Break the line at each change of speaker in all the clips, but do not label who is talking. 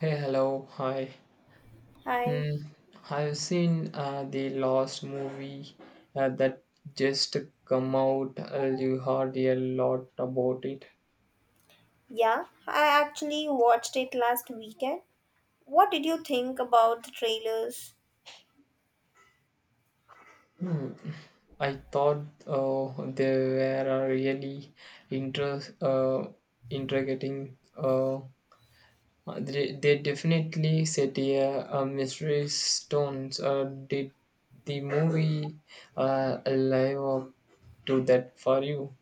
Hey, hello, hi.
Hi.
Mm, I've seen the last movie that just come out. You heard a lot about it.
Yeah, I actually watched it last weekend. What did you think about the trailers?
Hmm, I thought they were a really interest, uh, intriguing. They definitely set a mystery stones. Did the movie live up to that for you?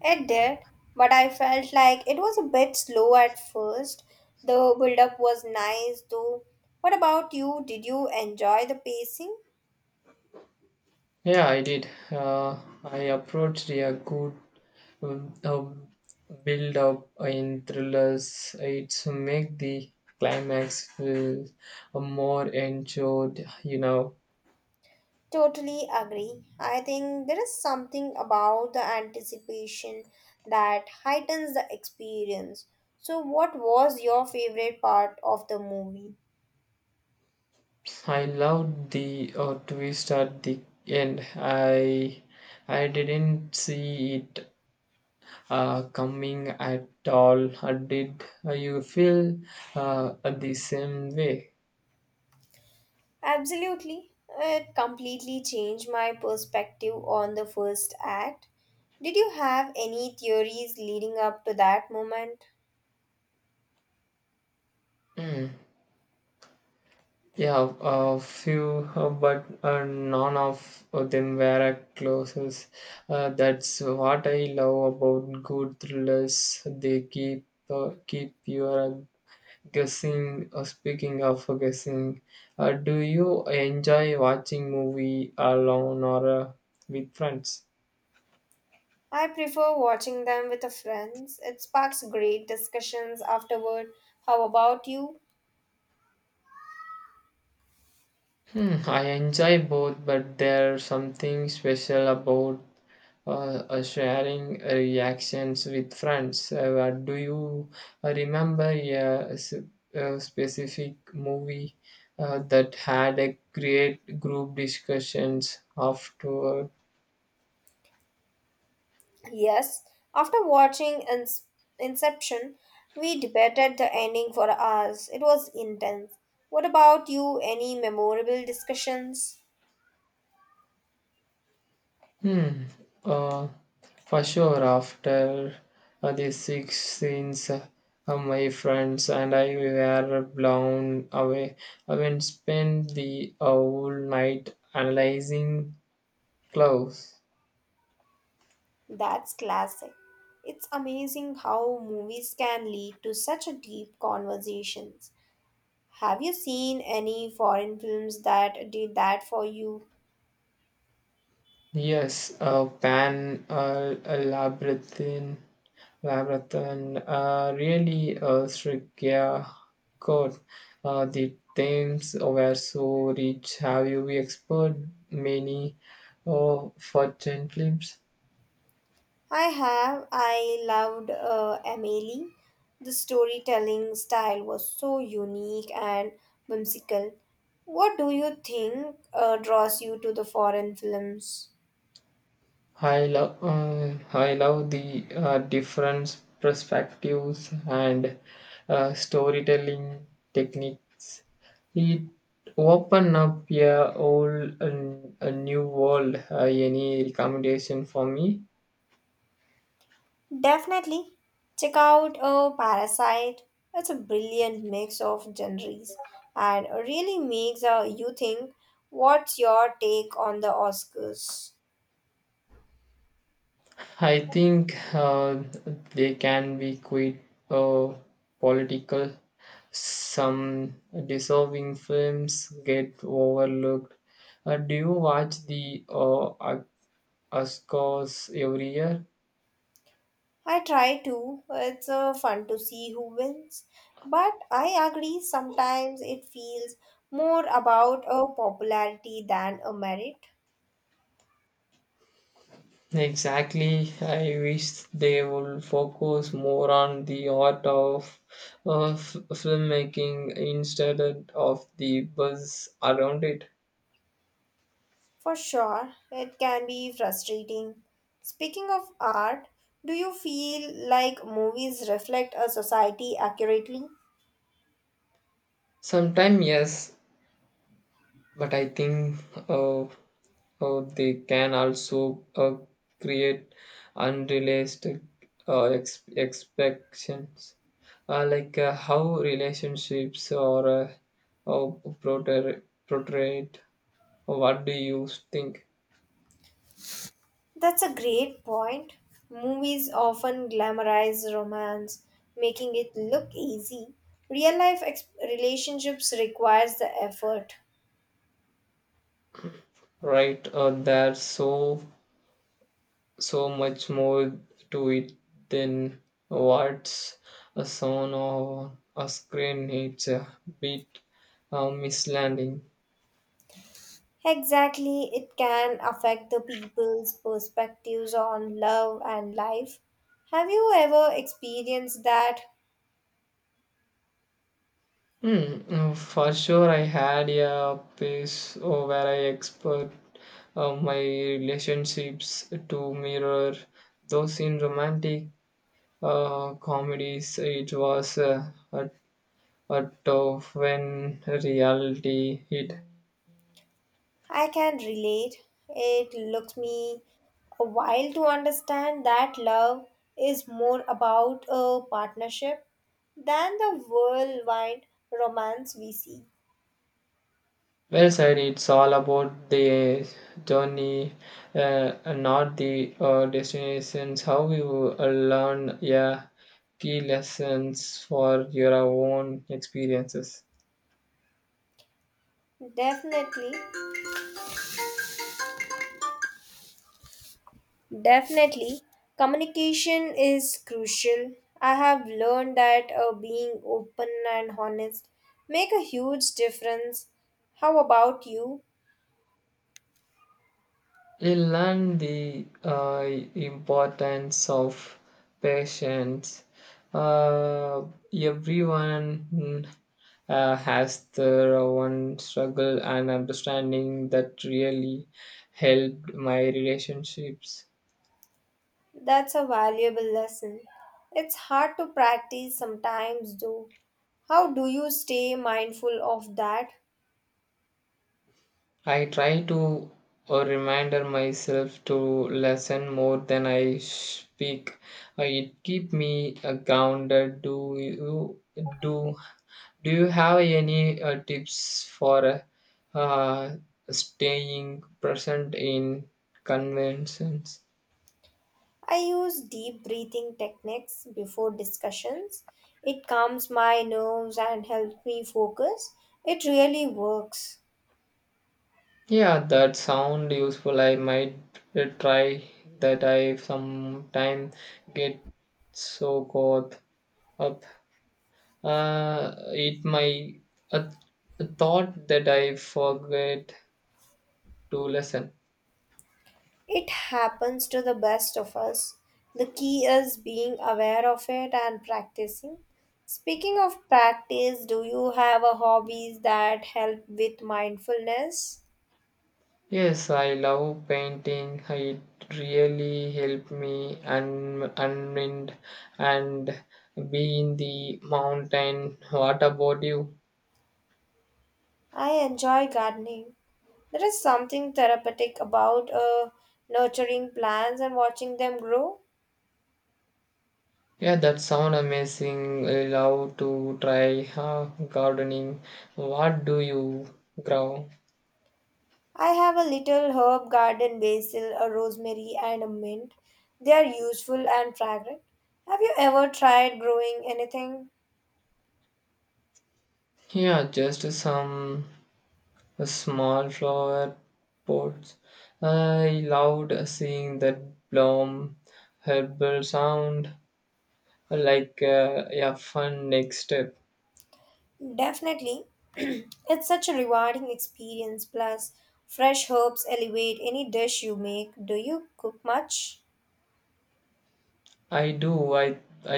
It did, but I felt like it was a bit slow at first. The build up was nice though. What about you? Did you enjoy the pacing?
Yeah, I did. I approached a good um, uh, build up in thrillers. It's make the climax feel more enjoyed.
Totally agree. I think there is something about the anticipation that heightens the experience. So, what was your favorite part of the movie?
I loved the twist at the end. I didn't see it coming at all. Did you feel the same way?
Absolutely. It completely changed my perspective on the first act. Did you have any theories leading up to that moment?
Mm. Yeah, a few, but none of them were a closes. That's what I love about good thrillers. They keep you guessing. Speaking of guessing, do you enjoy watching movie alone or with friends?
I prefer watching them with the friends. It sparks great discussions afterward. How about you?
I enjoy both, but there's something special about uh, sharing reactions with friends. Do you remember a specific movie that had a great group discussions afterward?
Yes. After watching Inception, we debated the ending for hours. It was intense. What about you? Any memorable discussions?
Hmm. Uh, for sure, after the six scenes, my friends and I were blown away. I went spent the whole night analyzing clothes.
That's classic. It's amazing how movies can lead to such a deep conversations. Have you seen any foreign films that did that for you?
Yes, Pan a Labyrinthine really strict, yeah, code. The themes were so rich. Have you explored many fortune films?
I have. I loved Amelie. The storytelling style was so unique and whimsical. What do you think draws you to the foreign films?
I love the different perspectives and storytelling techniques. It open up a whole a new world. Any recommendation for me?
Definitely check out a Parasite. It's a brilliant mix of genres and really makes you think, what's your take on the Oscars?
I think they can be quite uh, political. Some deserving films get overlooked. Do you watch the Oscars every year?
I try to. It's fun to see who wins. But I agree sometimes it feels more about a popularity than a merit.
Exactly. I wish they would focus more on the art of filmmaking instead of the buzz around it.
For sure, it can be frustrating. Speaking of art, do you feel like movies reflect a society accurately?
Sometimes, yes, but I think uh, they can also create unrealistic expectations, like how relationships are portray- portrayed. What do you think?
That's a great point. Movies often glamorize romance, making it look easy. Real life relationships requires the effort.
Right, there's so much more to it than what's a shown on a screen. It's a bit misleading.
Exactly, it can affect the people's perspectives on love and life. Have you ever experienced that?
For sure, I had a piece where I expert my relationships to mirror those in romantic comedies. It was a. But when reality hit.
I can relate. It took me a while to understand that love is more about a partnership than the whirlwind romance we see.
Well said, it's all about the journey, uh, not the destinations. How you learn, yeah, key lessons for your own experiences.
Definitely, definitely, communication is crucial. I have learned that being open and honest make a huge difference. How about you?
He learn the importance of patience. Uh, Everyone has their own struggle and understanding that really helped my relationships.
That's a valuable lesson. It's hard to practice sometimes, though. How do you stay mindful of that?
I try to reminder myself to listen more than I speak. It keep me grounded. Do Do you have any tips for uh, staying present in conventions?
I use deep breathing techniques before discussions. It calms my nerves and helps me focus. It really works.
Yeah, that sound useful. I might try that. I sometime get so caught up. It my uh, thought that I forget to listen.
It happens to the best of us. The key is being aware of it and practicing. Speaking of practice, do you have a hobbies that help with mindfulness?
Yes, I love painting. It really helped me unwind and be in the mountain. What about you?
I enjoy gardening. There is something therapeutic about nurturing plants and watching them grow.
Yeah, that sound amazing. I love to try gardening. What do you grow?
I have a little herb garden basil, a rosemary, and a mint. They are useful and fragrant. Have you ever tried growing anything?
Yeah, just some small flower pots. I loved seeing that bloom, herbal sound. Like yeah, fun next step.
Definitely. It's such a rewarding experience. Plus, fresh herbs elevate any dish you make. Do you cook much?
i do i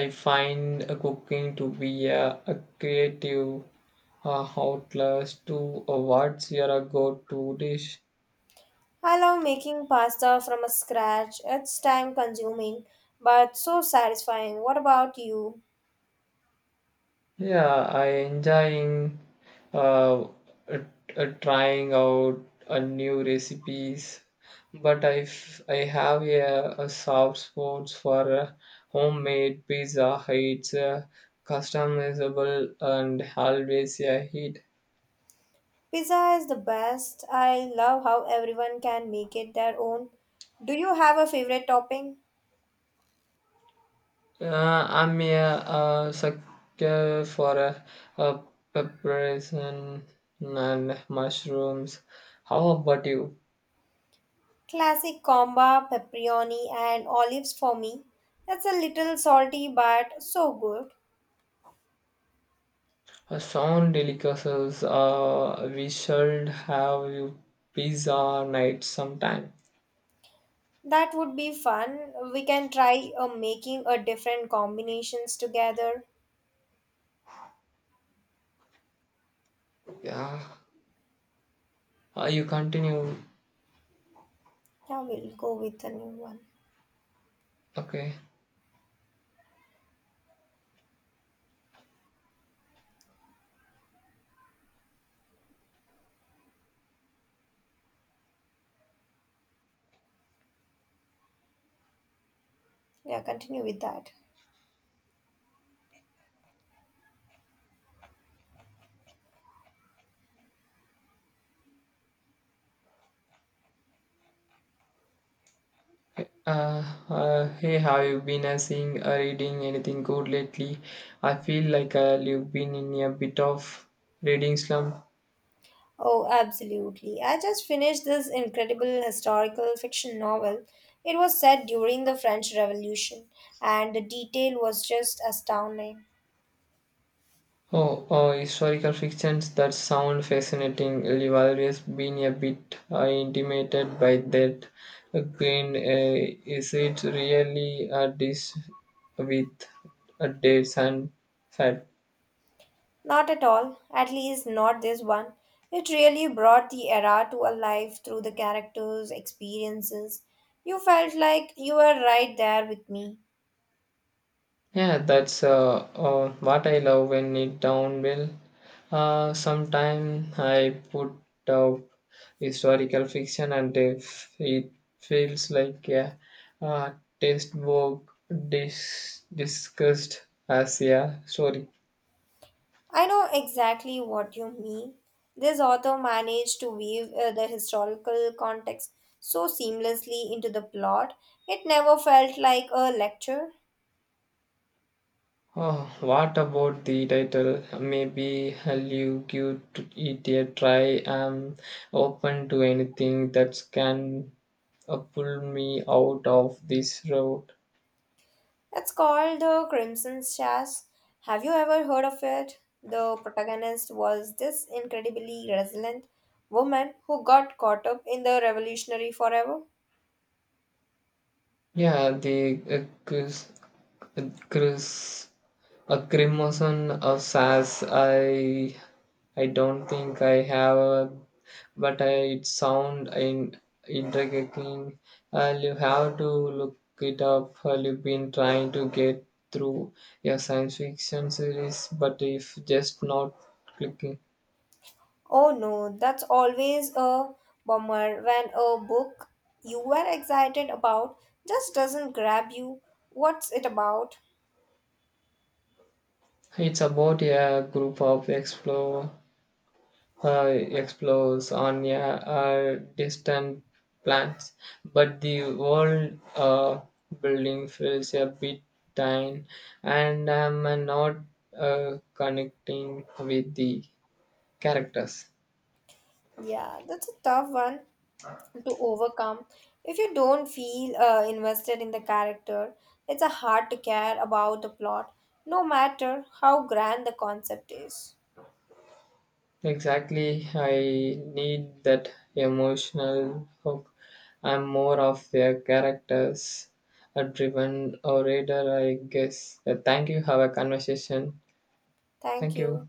i find cooking to be a creative outlet to. What's your go-to dish?
I love making pasta from scratch. It's time consuming, but so satisfying. What about you?
Yeah, I enjoying uh, uh, trying out new recipes, but I have a soft spot for homemade pizza. It's customizable and always a hit.
Pizza is the best. I love how everyone can make it their own. Do you have a favorite topping?
I'm a sucker for a uh, peppers and mushrooms. How about you?
Classic comba, pepperoni, and olives for me. That's a little salty but so good.
Sound delicacies. We should have you pizza night sometime.
That would be fun. We can try making a different combinations together.
Yeah. You continue.
Yeah, we'll go with the new one.
Okay.
Yeah, continue with that.
Uh, Hey, have you been seeing or reading anything good lately? I feel like you've been in a bit of reading slump.
Oh, absolutely. I just finished this incredible historical fiction novel. It was set during the French Revolution, and the detail was just astounding.
Oh, historical fictions that sound fascinating. You've always been a bit intimidated by that. Again, is it really a dish with dates and fat?
Not at all, at least not this one. It really brought the era to life through the characters' experiences. You felt like you were right there with me.
Yeah, that's what I love when it down well. Sometime I put out historical fiction, and if it feels like a uh, textbook discussed as a story.
I know exactly what you mean. This author managed to weave the historical context so seamlessly into the plot, it never felt like a lecture.
Oh, what about the title? Maybe I'll give to it a try. I'm open to anything that can pull me out of this road.
It's called The Crimson Sash. Have you ever heard of it? The protagonist was this incredibly resilient woman who got caught up in the revolutionary forever.
Yeah, the Chris, a crimson of sass. I don't think I have, a, but I, it sound in intriguing. I'll you have to look it up. I'll you been trying to get through your science fiction series, but if just not clicking.
Oh no, that's always a bummer when a book you were excited about just doesn't grab you. What's it about?
It's about a group of explores on a, distant plans, but the world building feels a bit thin, and I'm not connecting with the characters.
Yeah, that's a tough one to overcome. If you don't feel invested in the character, it's a hard to care about the plot, no matter how grand the concept is.
Exactly, I need that emotional hook. I'm more of a characters a driven orator, I guess. Thank you. Have a conversation.
Thank
Thank you.
you.